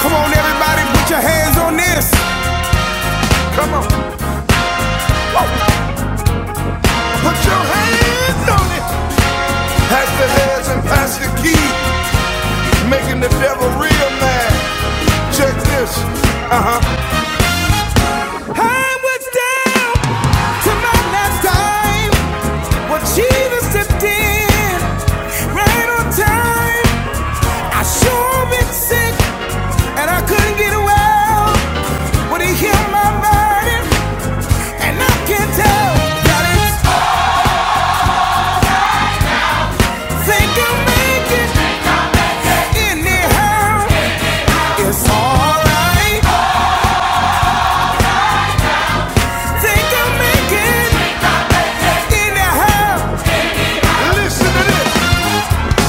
Come on, everybody, put your hands on this. Come on, put your hands on it. Pass the heads and pass the key, making the devil real mad. Check this. Uh huh. I was down to my last dime. What she was dipped in, right on time. I sure been sick, and I couldn't get well. But he healed my body, and I can tell that it's Think I'll make it anyhow. It's alright. Think I'll make it anyhow. Listen to this.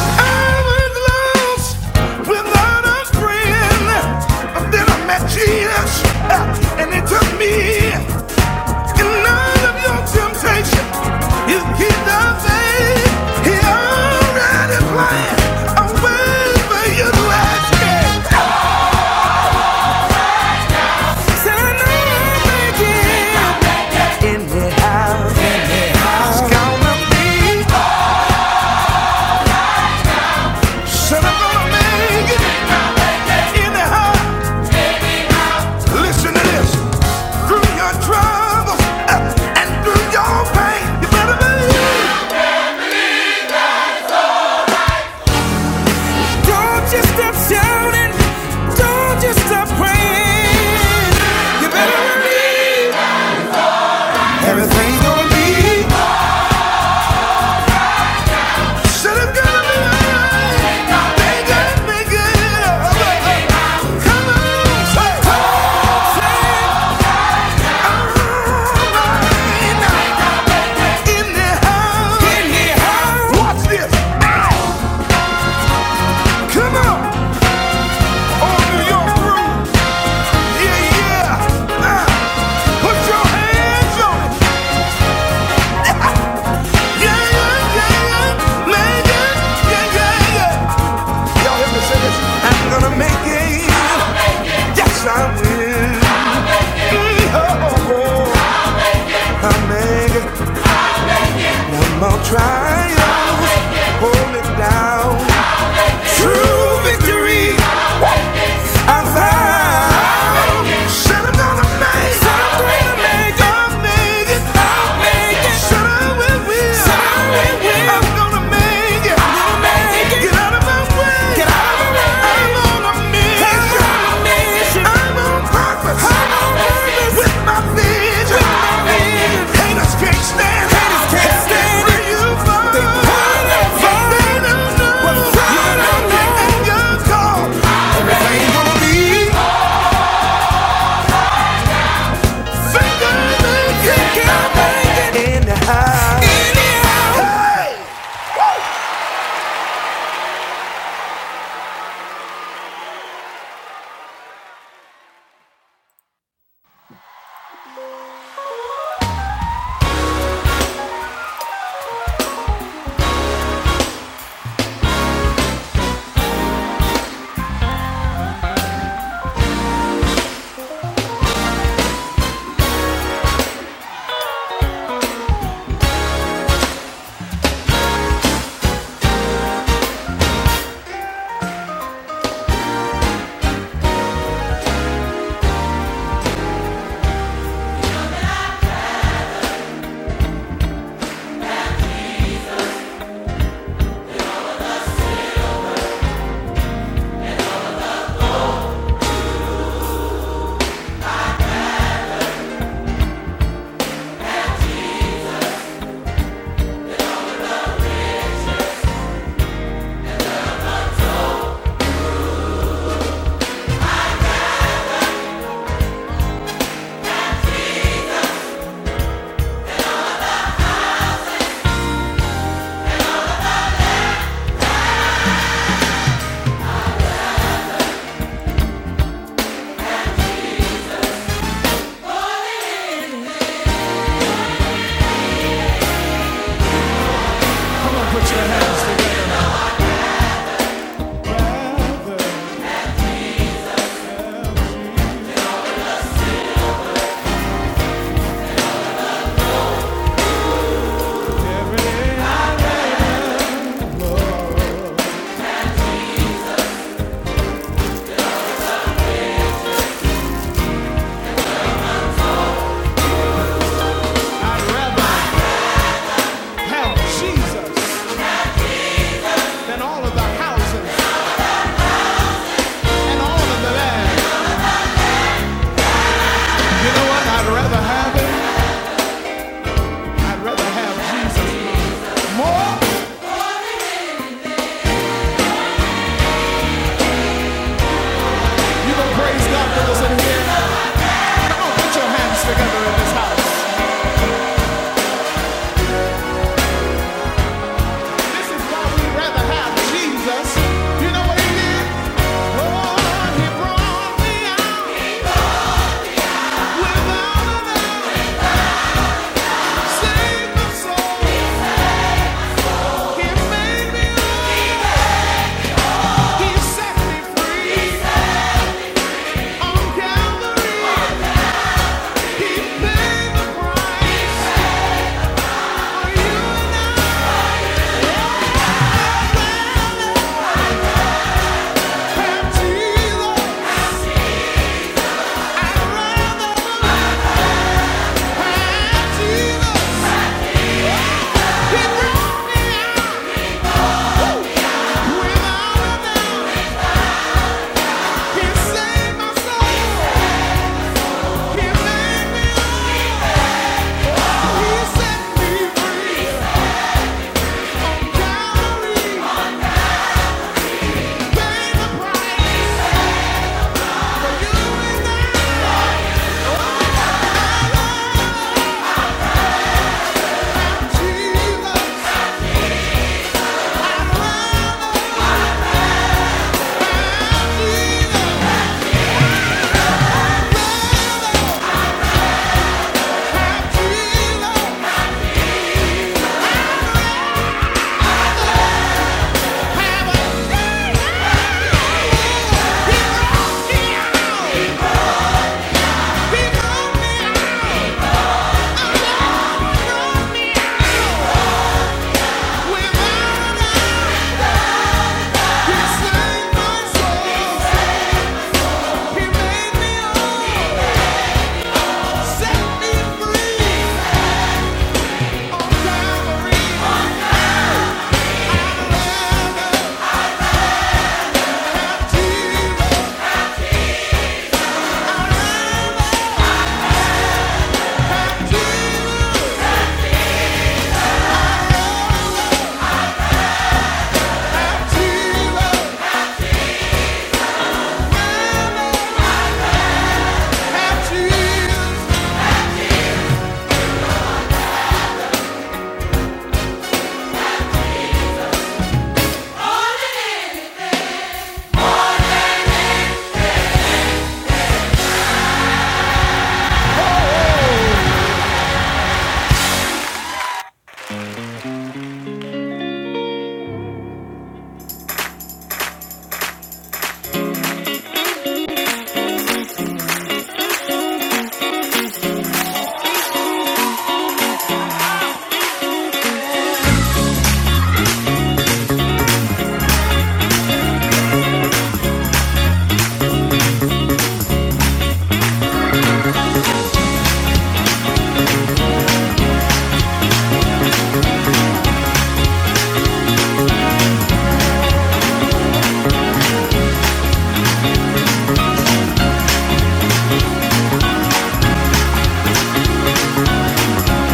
I was lost without a friend. Then I met Jesus, uh, and it took me none of your temptation. You keep the He already planned a way for you to escape. Everything's gonna be Said I'm gonna be right. They got me good. Come on, say, say, I'm right in the house. Watch this. Come on. On New York groove. Yeah, yeah. Ah. Put your hands on it. Yeah, yeah, yeah, yeah. Man, yeah, yeah, yeah, yeah. Y'all hear me say this? I'm gonna make it. Yes, I will. Oh, I make it. No more trials. Hold me down. True victory. I found. Said I'm gonna make it. I'm gonna make it. I'll make it. I'll make it. Said I will. I am gonna make it. I'm gonna make it. Get out of my way. Get out of my way. I'm on a mission. Jesus than all of the houses and all of the land. You know what? I'd rather have it. I'd rather have Jesus more. You gonna praise God for us in here? Come on, put your hands together in this house. This is why we'd rather have Jesus. You know what he did? Lord, he brought me out without a doubt. Saved my soul. He made me. He set me free. On Calvary, he paid the price. For you have Jesus. I'd rather have Jesus. Yeah!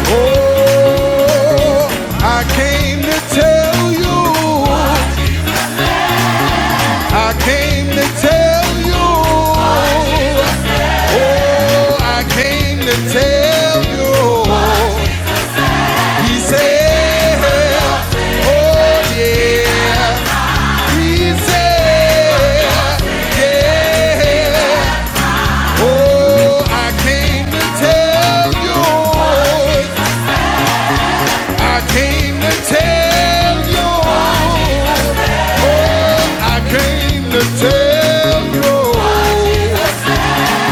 Oh, I came to tell you. I came to tell you. Oh, I came to tell you. He said, yeah. He said, yeah. Oh, you came to tell you.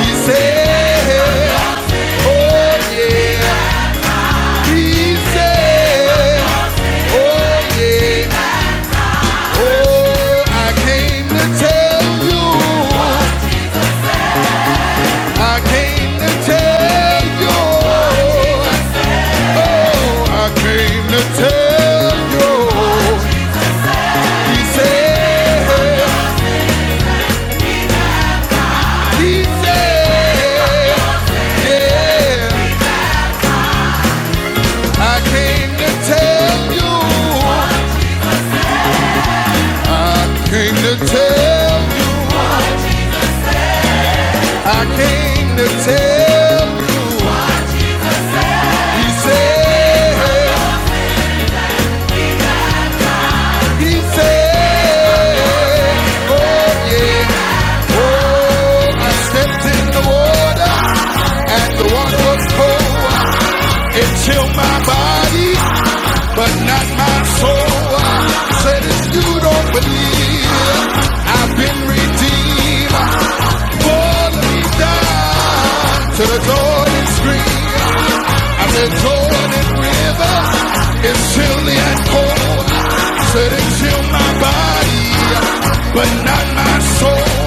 He said, oh yeah. He said, oh yeah. Oh, I came to tell you. I came to tell you. I came to tell you. He said. He said, yeah, I came to tell you, I came to tell you, I came to tell you. He said, he said, oh yeah. Oh, I stepped in the water and the water was cold. It chilled my body, but not my soul. Said if you don't believe, I've been redeemed. Born me down to the Jordan stream. And the Jordan River is chilly and cold. Said it chilled my body, but not my soul.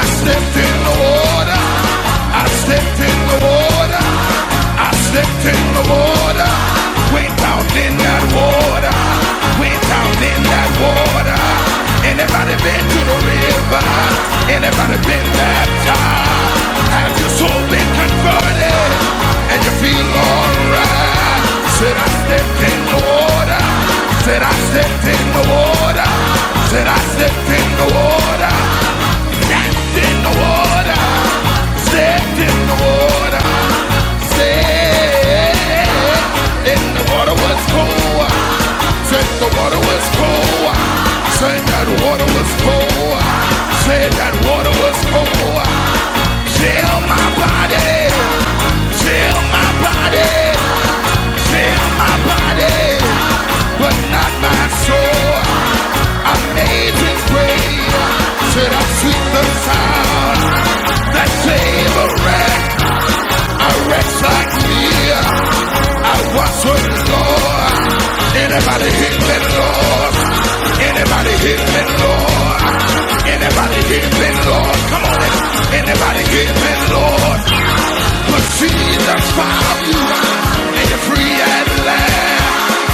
I stepped in the water. I stepped in the water. I stepped in the water. Went down in that water. Went down in that water. Anybody been to the river? Anybody been baptized? Have your soul been converted? And you feel alright? Said I stepped in the water. Said I stepped in the water water. Said I slipped in the water. Danced in the water. Slipped in the water. Said in the water was cold. Said the water was cold. Said that water was cold. Said that water was cold. Chill my body. Chill my body. Chill my body. But not my my soul. Amazing grace, should I sweep the sound that save a wreck? A wretch like me, I was with the Lord. Anybody hit me, Lord? Anybody hit me, Lord? Anybody hit me, Lord? Come on, anybody hit me, Lord? But Jesus found you, and you're free at last.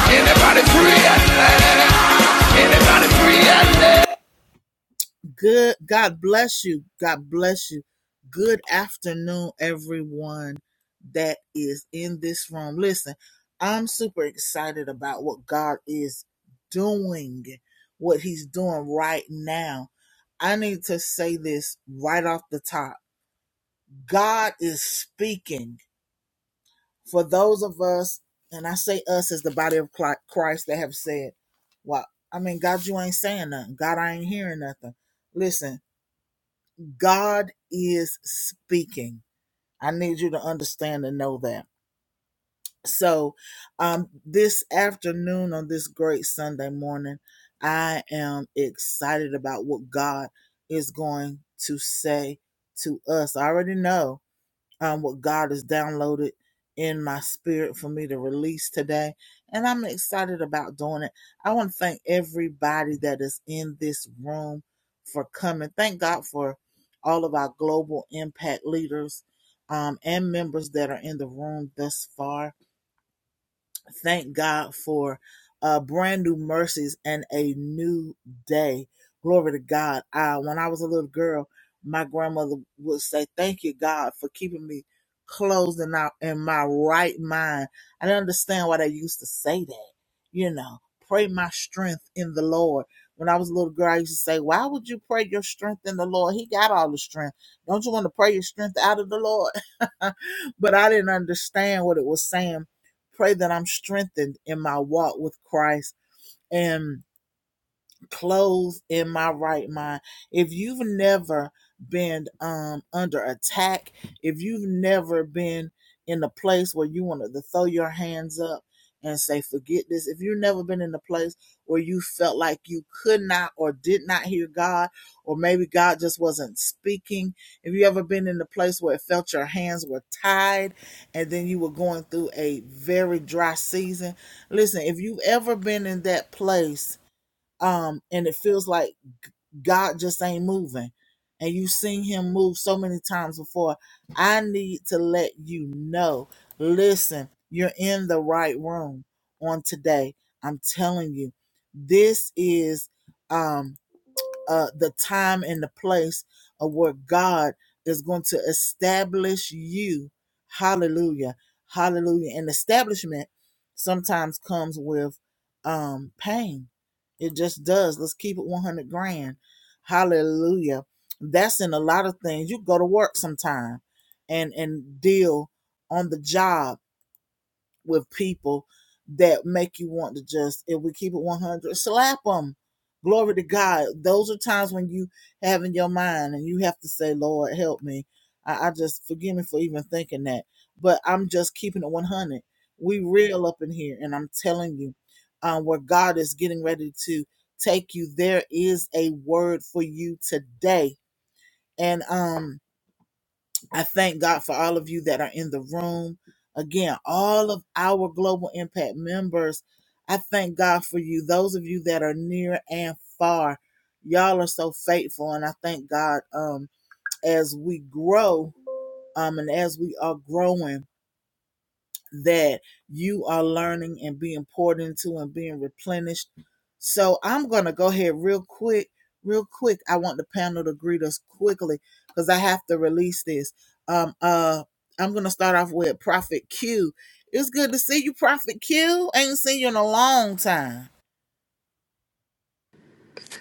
Anybody free at last? Anybody free at last?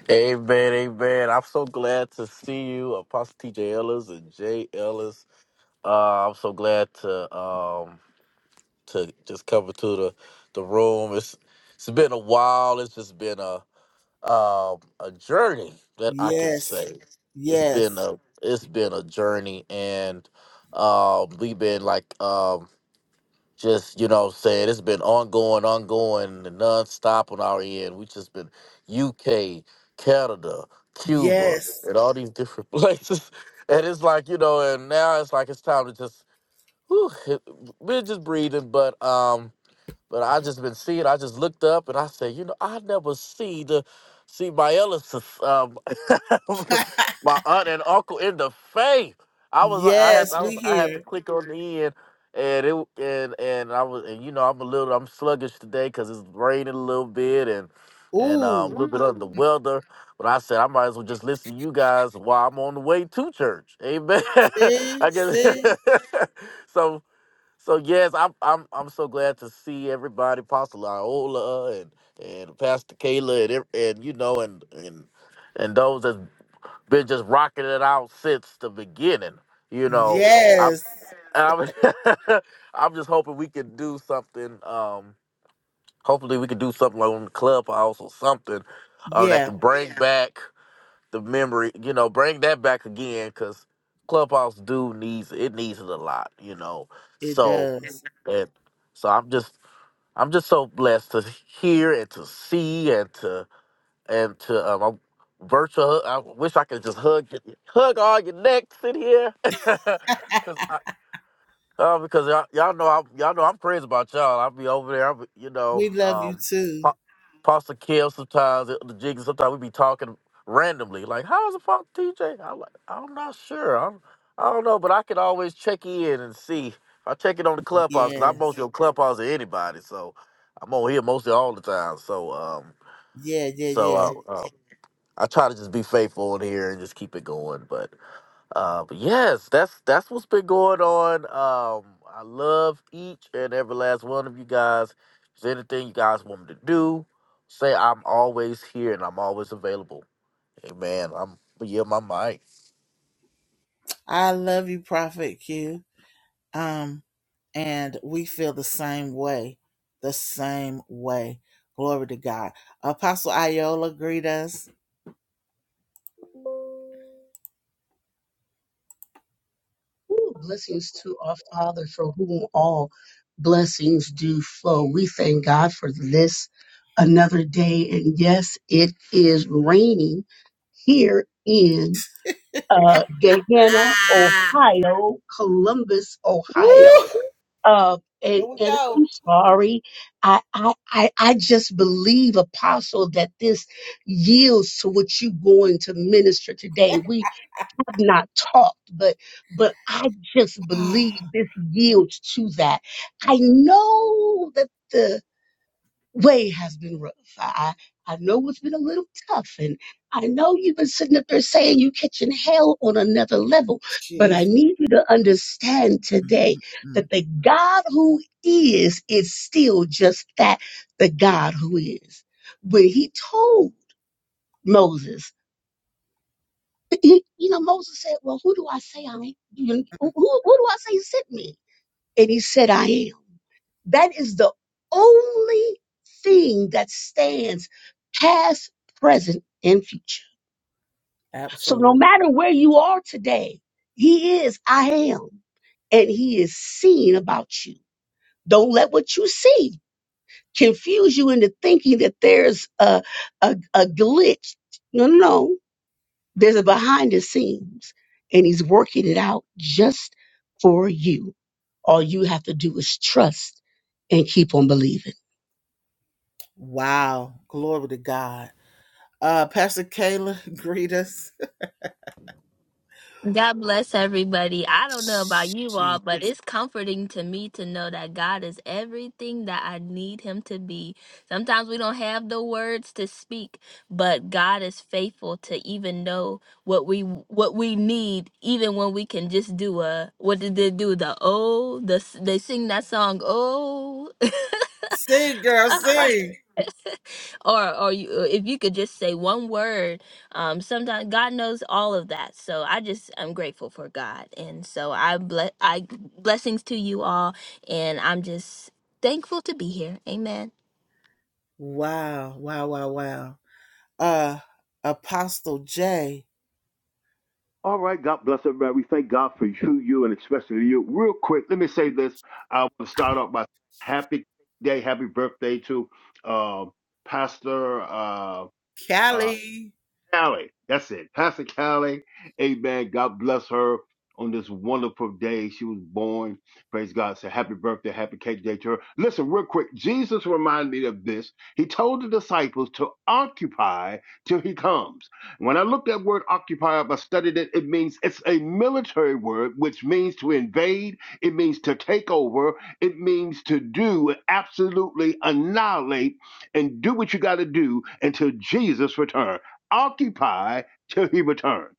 Amen, amen. I'm so glad to see you, Apostle TJ Ellis and Jay Ellis. Uh, I'm so glad to um to just come into the the room. It's it's been a while. It's just been a um a journey that I can say. It's been a it's been a journey, and um we've been like um just you know what I'm saying it's been ongoing ongoing and nonstop on our end we just been uk canada cuba and all these different places and it's like you know and now it's like it's time to just whew, it- we're just breathing but um but I just been seeing. I just looked up and I said, you know, I never see the see my eldest, um, my aunt and uncle in the faith. I was like, I had to, I was I had to click on the end, and it and and I was and you know I'm a little I'm sluggish today because it's raining a little bit and and um, a little bit under the weather. But I said I might as well just listen to you guys while I'm on the way to church. Amen. I guess so. So yes, I'm I'm I'm so glad to see everybody, Pastor Iola and and Pastor Kayla and ev- and you know and and and those that's been just rocking it out since the beginning. You know, I'm I'm, I'm just hoping we can do something. Um, hopefully we can do something on the clubhouse or something um that can bring Yeah. back the memory. You know, bring that back again because clubhouse do needs it needs it a lot. You know, so. and so I'm just I'm just so blessed to hear and to see and to and to um, I'm virtual. hug- I wish I could just hug hug all your necks in here, because uh, because y'all, y'all know I, y'all know I'm crazy about y'all. I'll be over there. I'll be, you know, um, Pa- Pastor Kev sometimes the jig. Sometimes we be talking randomly, like how's the fuck TJ? I'm like, I'm not sure. I'm, I don't know, but I can always check in and see. I check in on the clubhouse because I'm mostly on clubhouse than anybody, so I'm on here mostly all the time. So um, so uh, uh, I try to just be faithful in here and just keep it going. But uh, but yes, that's that's what's been going on. Um, I love each and every last one of you guys. If there's anything you guys want me to do, say I'm always here and I'm always available. Amen. I'm yeah, my mic. Ooh, blessings to our Father, for whom all blessings do flow. We thank God for this another day. And yes, it is raining here in uh, Gahanna, Ohio, Columbus, Ohio. Uh, and and I'm sorry, I, I I I just believe, Apostle, that this yields to what you're going to minister today. We I've not talked, but but I just believe this yields to that. I know that the way has been rough. I I I know it's been a little tough, and I know you've been sitting up there saying you're catching hell on another level. But I need you to understand today that the God who is is still just that, the God who is. When He told Moses you, you know, Moses said, Well, who do I say I am? You- Who, who do I say sent me? And he said, I am. That is the only thing that stands past, present, and future. So no matter where you are today, he is I am, and he is seeing about you. Don't let what you see confuse you into thinking that there's a, a, a glitch. No, no, no. There's a behind the scenes, and He's working it out just for you. All you have to do is trust and keep on believing. God bless everybody. I don't know about you all, but it's comforting to me to know that God is everything that I need Him to be. Sometimes we don't have the words to speak, but God is faithful to even know what we what we need, even when we can just do a what did they do? The oh, the they sing that song oh. or or you, uh, if you could just say one word um sometimes god knows all of that so i just i'm grateful for god and so i bless i blessings to you all and i'm just thankful to be here amen All right, God bless everybody. We thank God for you, you, and especially you. Real quick, let me say this. I want to start off by happy day, happy birthday to uh, Pastor uh, uh, Callie. That's it. Pastor Callie. Amen. God bless her on this wonderful day she was born. Praise God. So happy birthday, happy cake day to her. Listen, real quick. Jesus reminded me of this. He told the disciples to occupy till he comes. When I looked at word occupy up, I studied it. It means it's a military word, which means to invade. It means to take over. It means to do, absolutely annihilate and do what you got to do until Jesus returns occupy till he returns.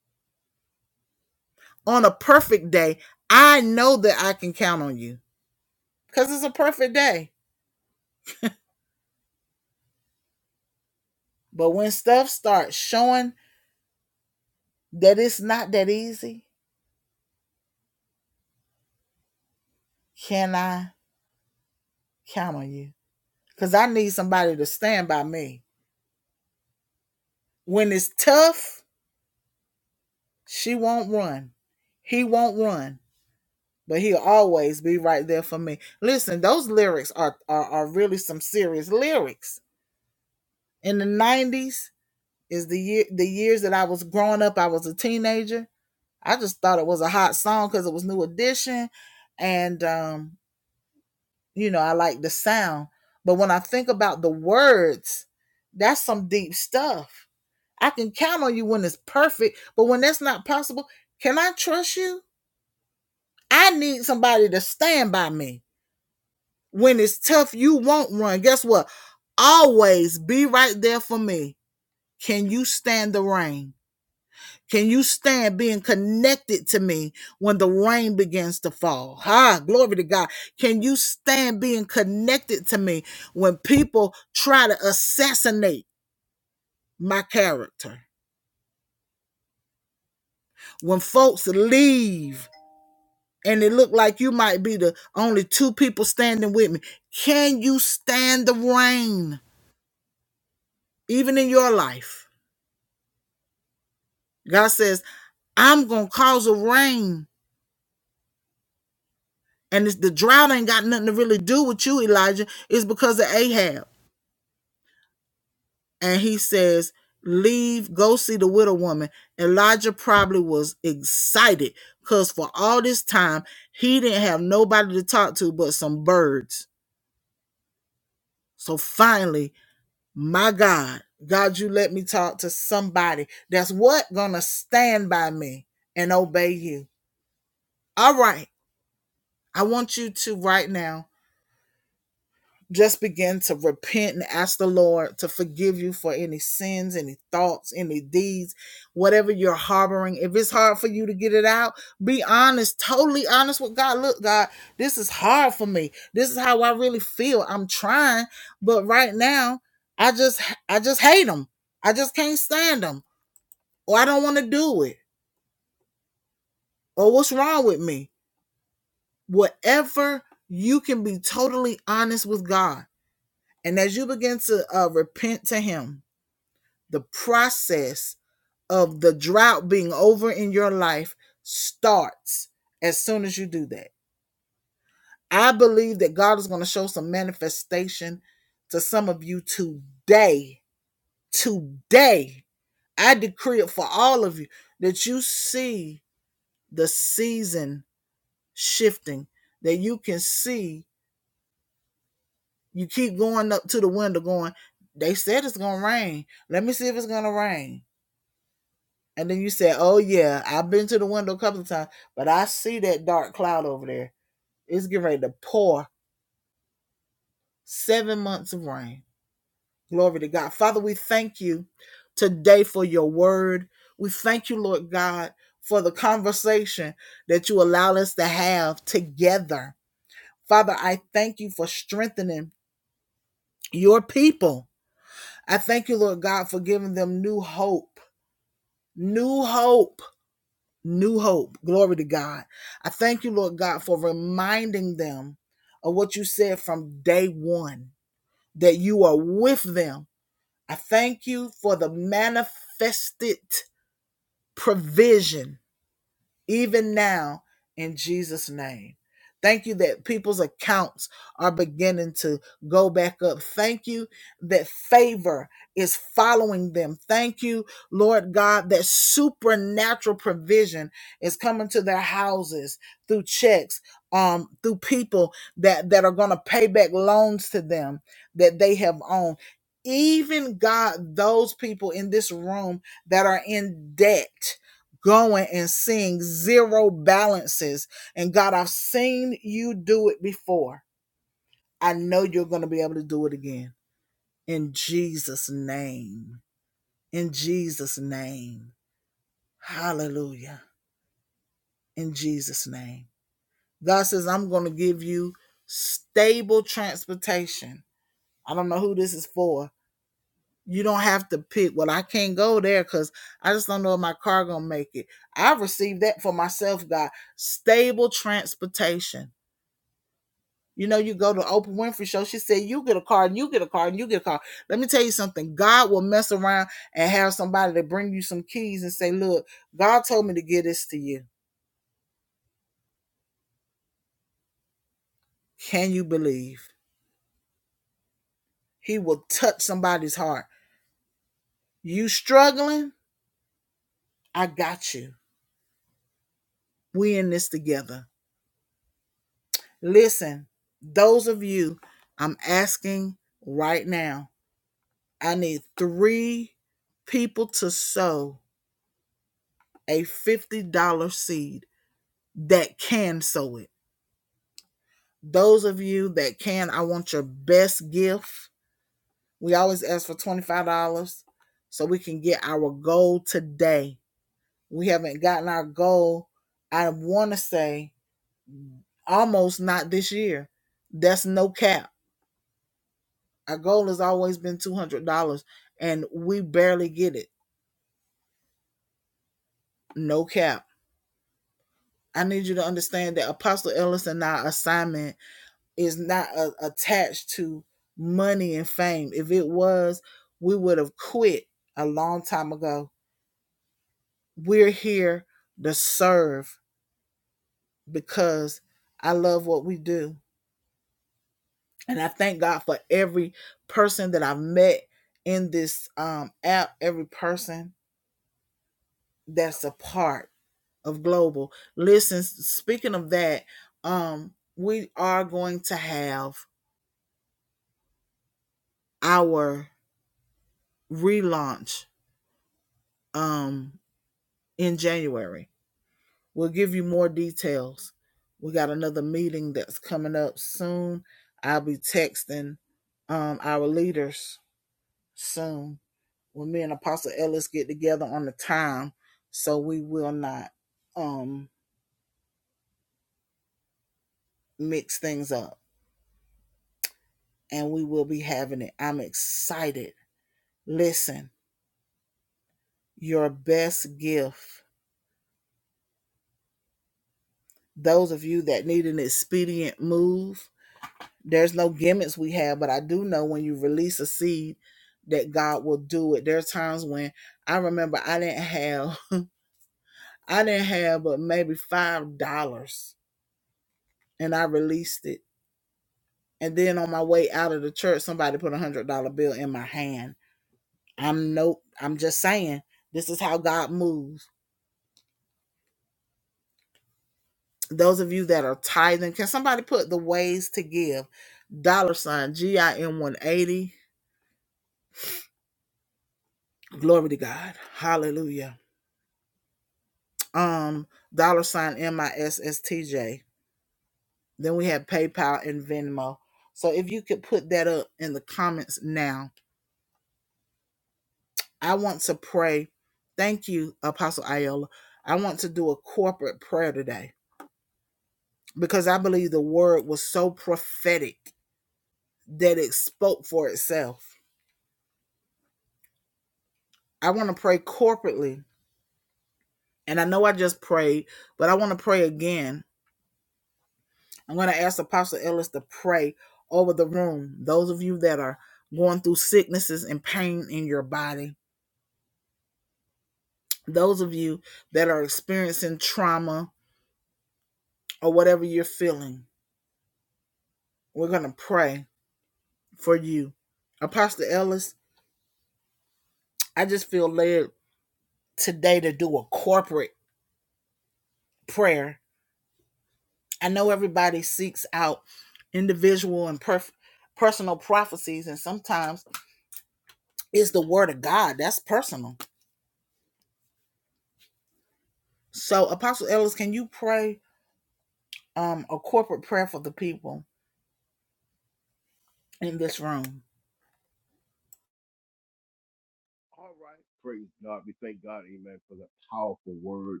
All right. Praise God. We thank God, amen, for the powerful word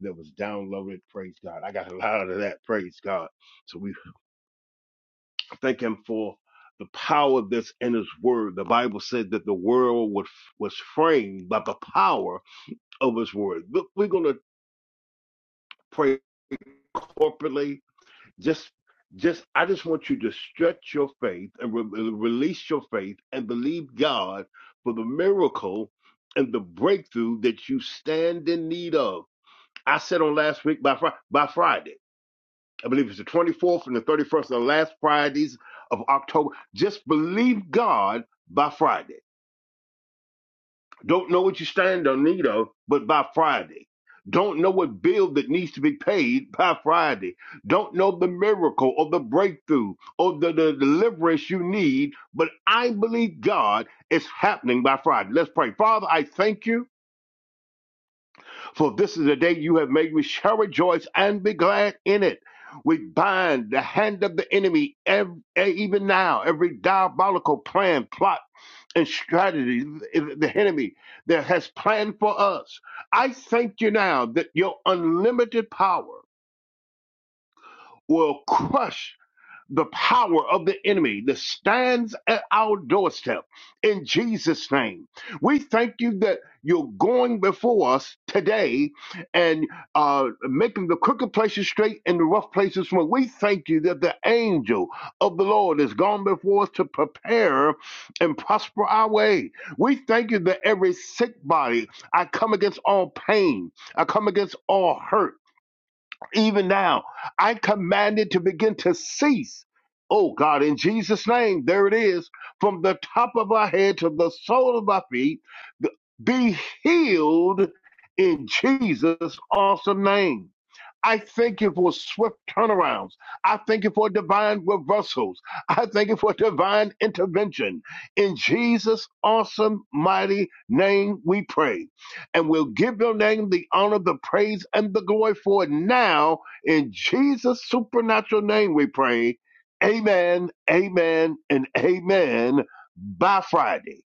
that was downloaded. Praise God. I got a lot of that. Praise God. So we thank him for the power that's in his word. The Bible said that the world was, was framed by the power of his word. Look, we're going to pray corporately. Just, just, I just want you to stretch your faith and re- release your faith and believe God for the miracle and the breakthrough that you stand in need of. I said on last week by Fri by Friday, I believe it's the 24th and the 31st, the last Fridays of October. Just believe God by Friday don't know what you stand in need of, but by Friday. Don't know what bill that needs to be paid by Friday. Don't know the miracle or the breakthrough or the, the deliverance you need, but I believe God is happening by Friday. Let's pray. Father, I thank you for this is the day you have made. We shall rejoice and be glad in it. We bind the hand of the enemy ev- eh, even now, every diabolical plan, plot, and strategy the enemy that has planned for us. I thank you now that your unlimited power will crush the power of the enemy that stands at our doorstep in Jesus' name. We thank you that you're going before us today and uh, making the crooked places straight and the rough places smooth. We thank you that the angel of the Lord has gone before us to prepare and prosper our way. We thank you that every sick body, I come against all pain, I come against all hurt even now. I command it to begin to cease. Oh God, in Jesus' name, there it is. From the top of our head to the sole of our feet, th- be healed in Jesus' awesome name. I thank you for swift turnarounds. I thank you for divine reversals. I thank you for divine intervention. In Jesus' awesome, mighty name, we pray and we'll give your name the honor, the praise, and the glory for it now. In Jesus' supernatural name, we pray. Amen, amen, and amen by Friday.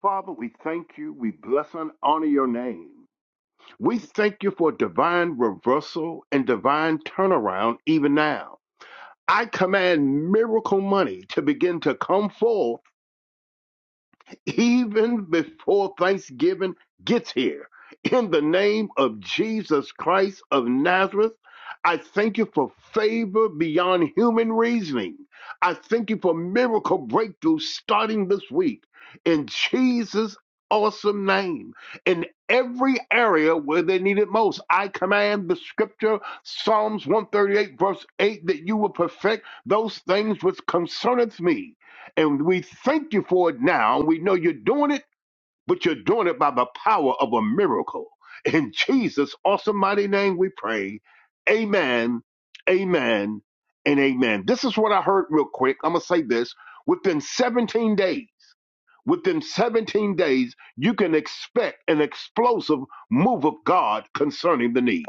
Father, we thank you. We bless and honor your name. We thank you for divine reversal and divine turnaround even now. I command miracle money to begin to come forth even before Thanksgiving gets here. In the name of Jesus Christ of Nazareth, I thank you for favor beyond human reasoning. I thank you for miracle breakthrough starting this week in Jesus' awesome name. In every area where they need it most, I command the scripture, Psalms 138, verse 8, that you will perfect those things which concerneth me. And we thank you for it now. We know you're doing it, but you're doing it by the power of a miracle. In Jesus' awesome mighty name we pray. Amen, amen, and amen. This is what I heard real quick. I'm going to say this. Within 17 days, within 17 days, you can expect an explosive move of God concerning the need.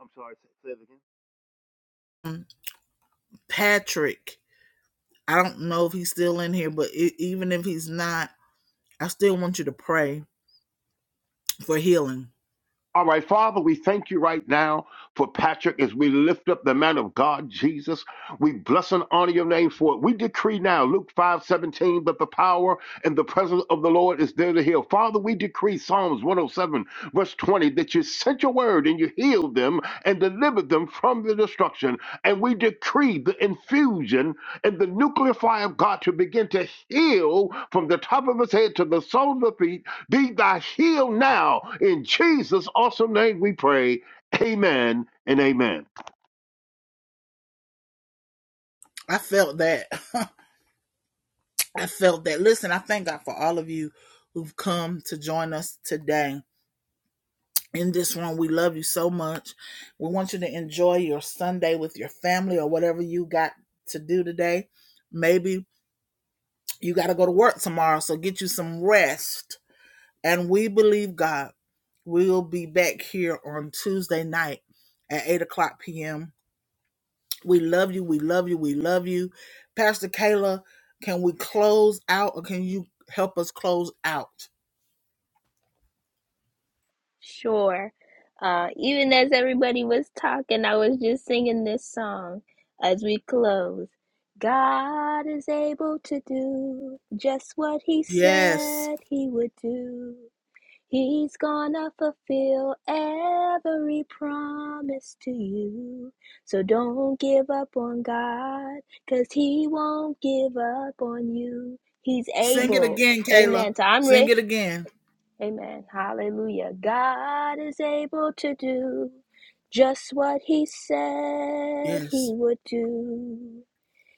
I'm sorry, say say that again. All right, Father, we thank you right now for Patrick as we lift up the man of God, Jesus. We bless and honor your name for it. We decree now, Luke five seventeen, that the power and the presence of the Lord is there to heal. Father, we decree Psalms 107, verse 20, that you sent your word and you healed them and delivered them from the destruction. And we decree the infusion and the nuclear fire of God to begin to heal from the top of his head to the sole of the feet be thou healed now. In Jesus' awesome name we pray. Amen and amen. Sure. Uh, even as everybody was talking, I was just singing this song as we close. God is able to do just what he said he would do. He's gonna fulfill every promise to you. So don't give up on God, cause He won't give up on you. He's able. Amen. Tamre. Amen. Hallelujah. God is able to do just what He said He would do.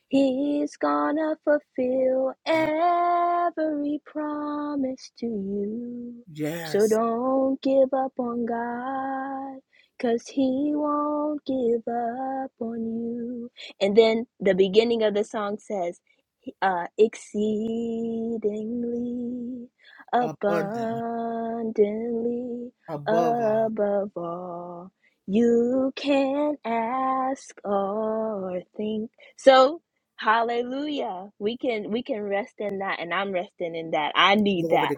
He's gonna fulfill every promise to you. So don't give up on God, 'cause He won't give up on you. And then the beginning of the song says, uh, exceedingly, abundantly, above all you can ask or think. So Hallelujah. We can we can rest in that and I'm resting in that. I need that.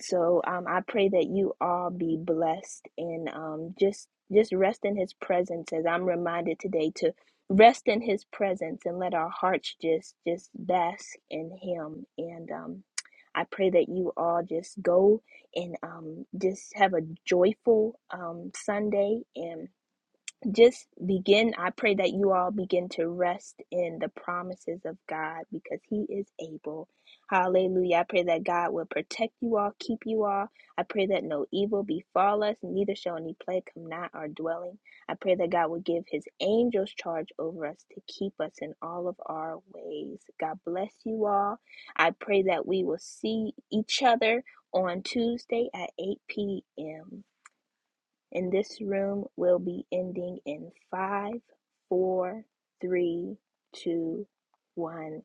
So um I pray that you all be blessed and um just just rest in his presence as I'm reminded today to rest in his presence and let our hearts just just bask in him and um I pray that you all just go and um just have a joyful um Sunday and just begin. I pray that you all begin to rest in the promises of God because He is able. Hallelujah. I pray that God will protect you all, keep you all. I pray that no evil befall us, neither shall any plague come nigh our dwelling. I pray that God will give His angels charge over us to keep us in all of our ways. God bless you all. I pray that we will see each other on Tuesday at 8 p.m. And this room will be ending in five, four, three, two, one.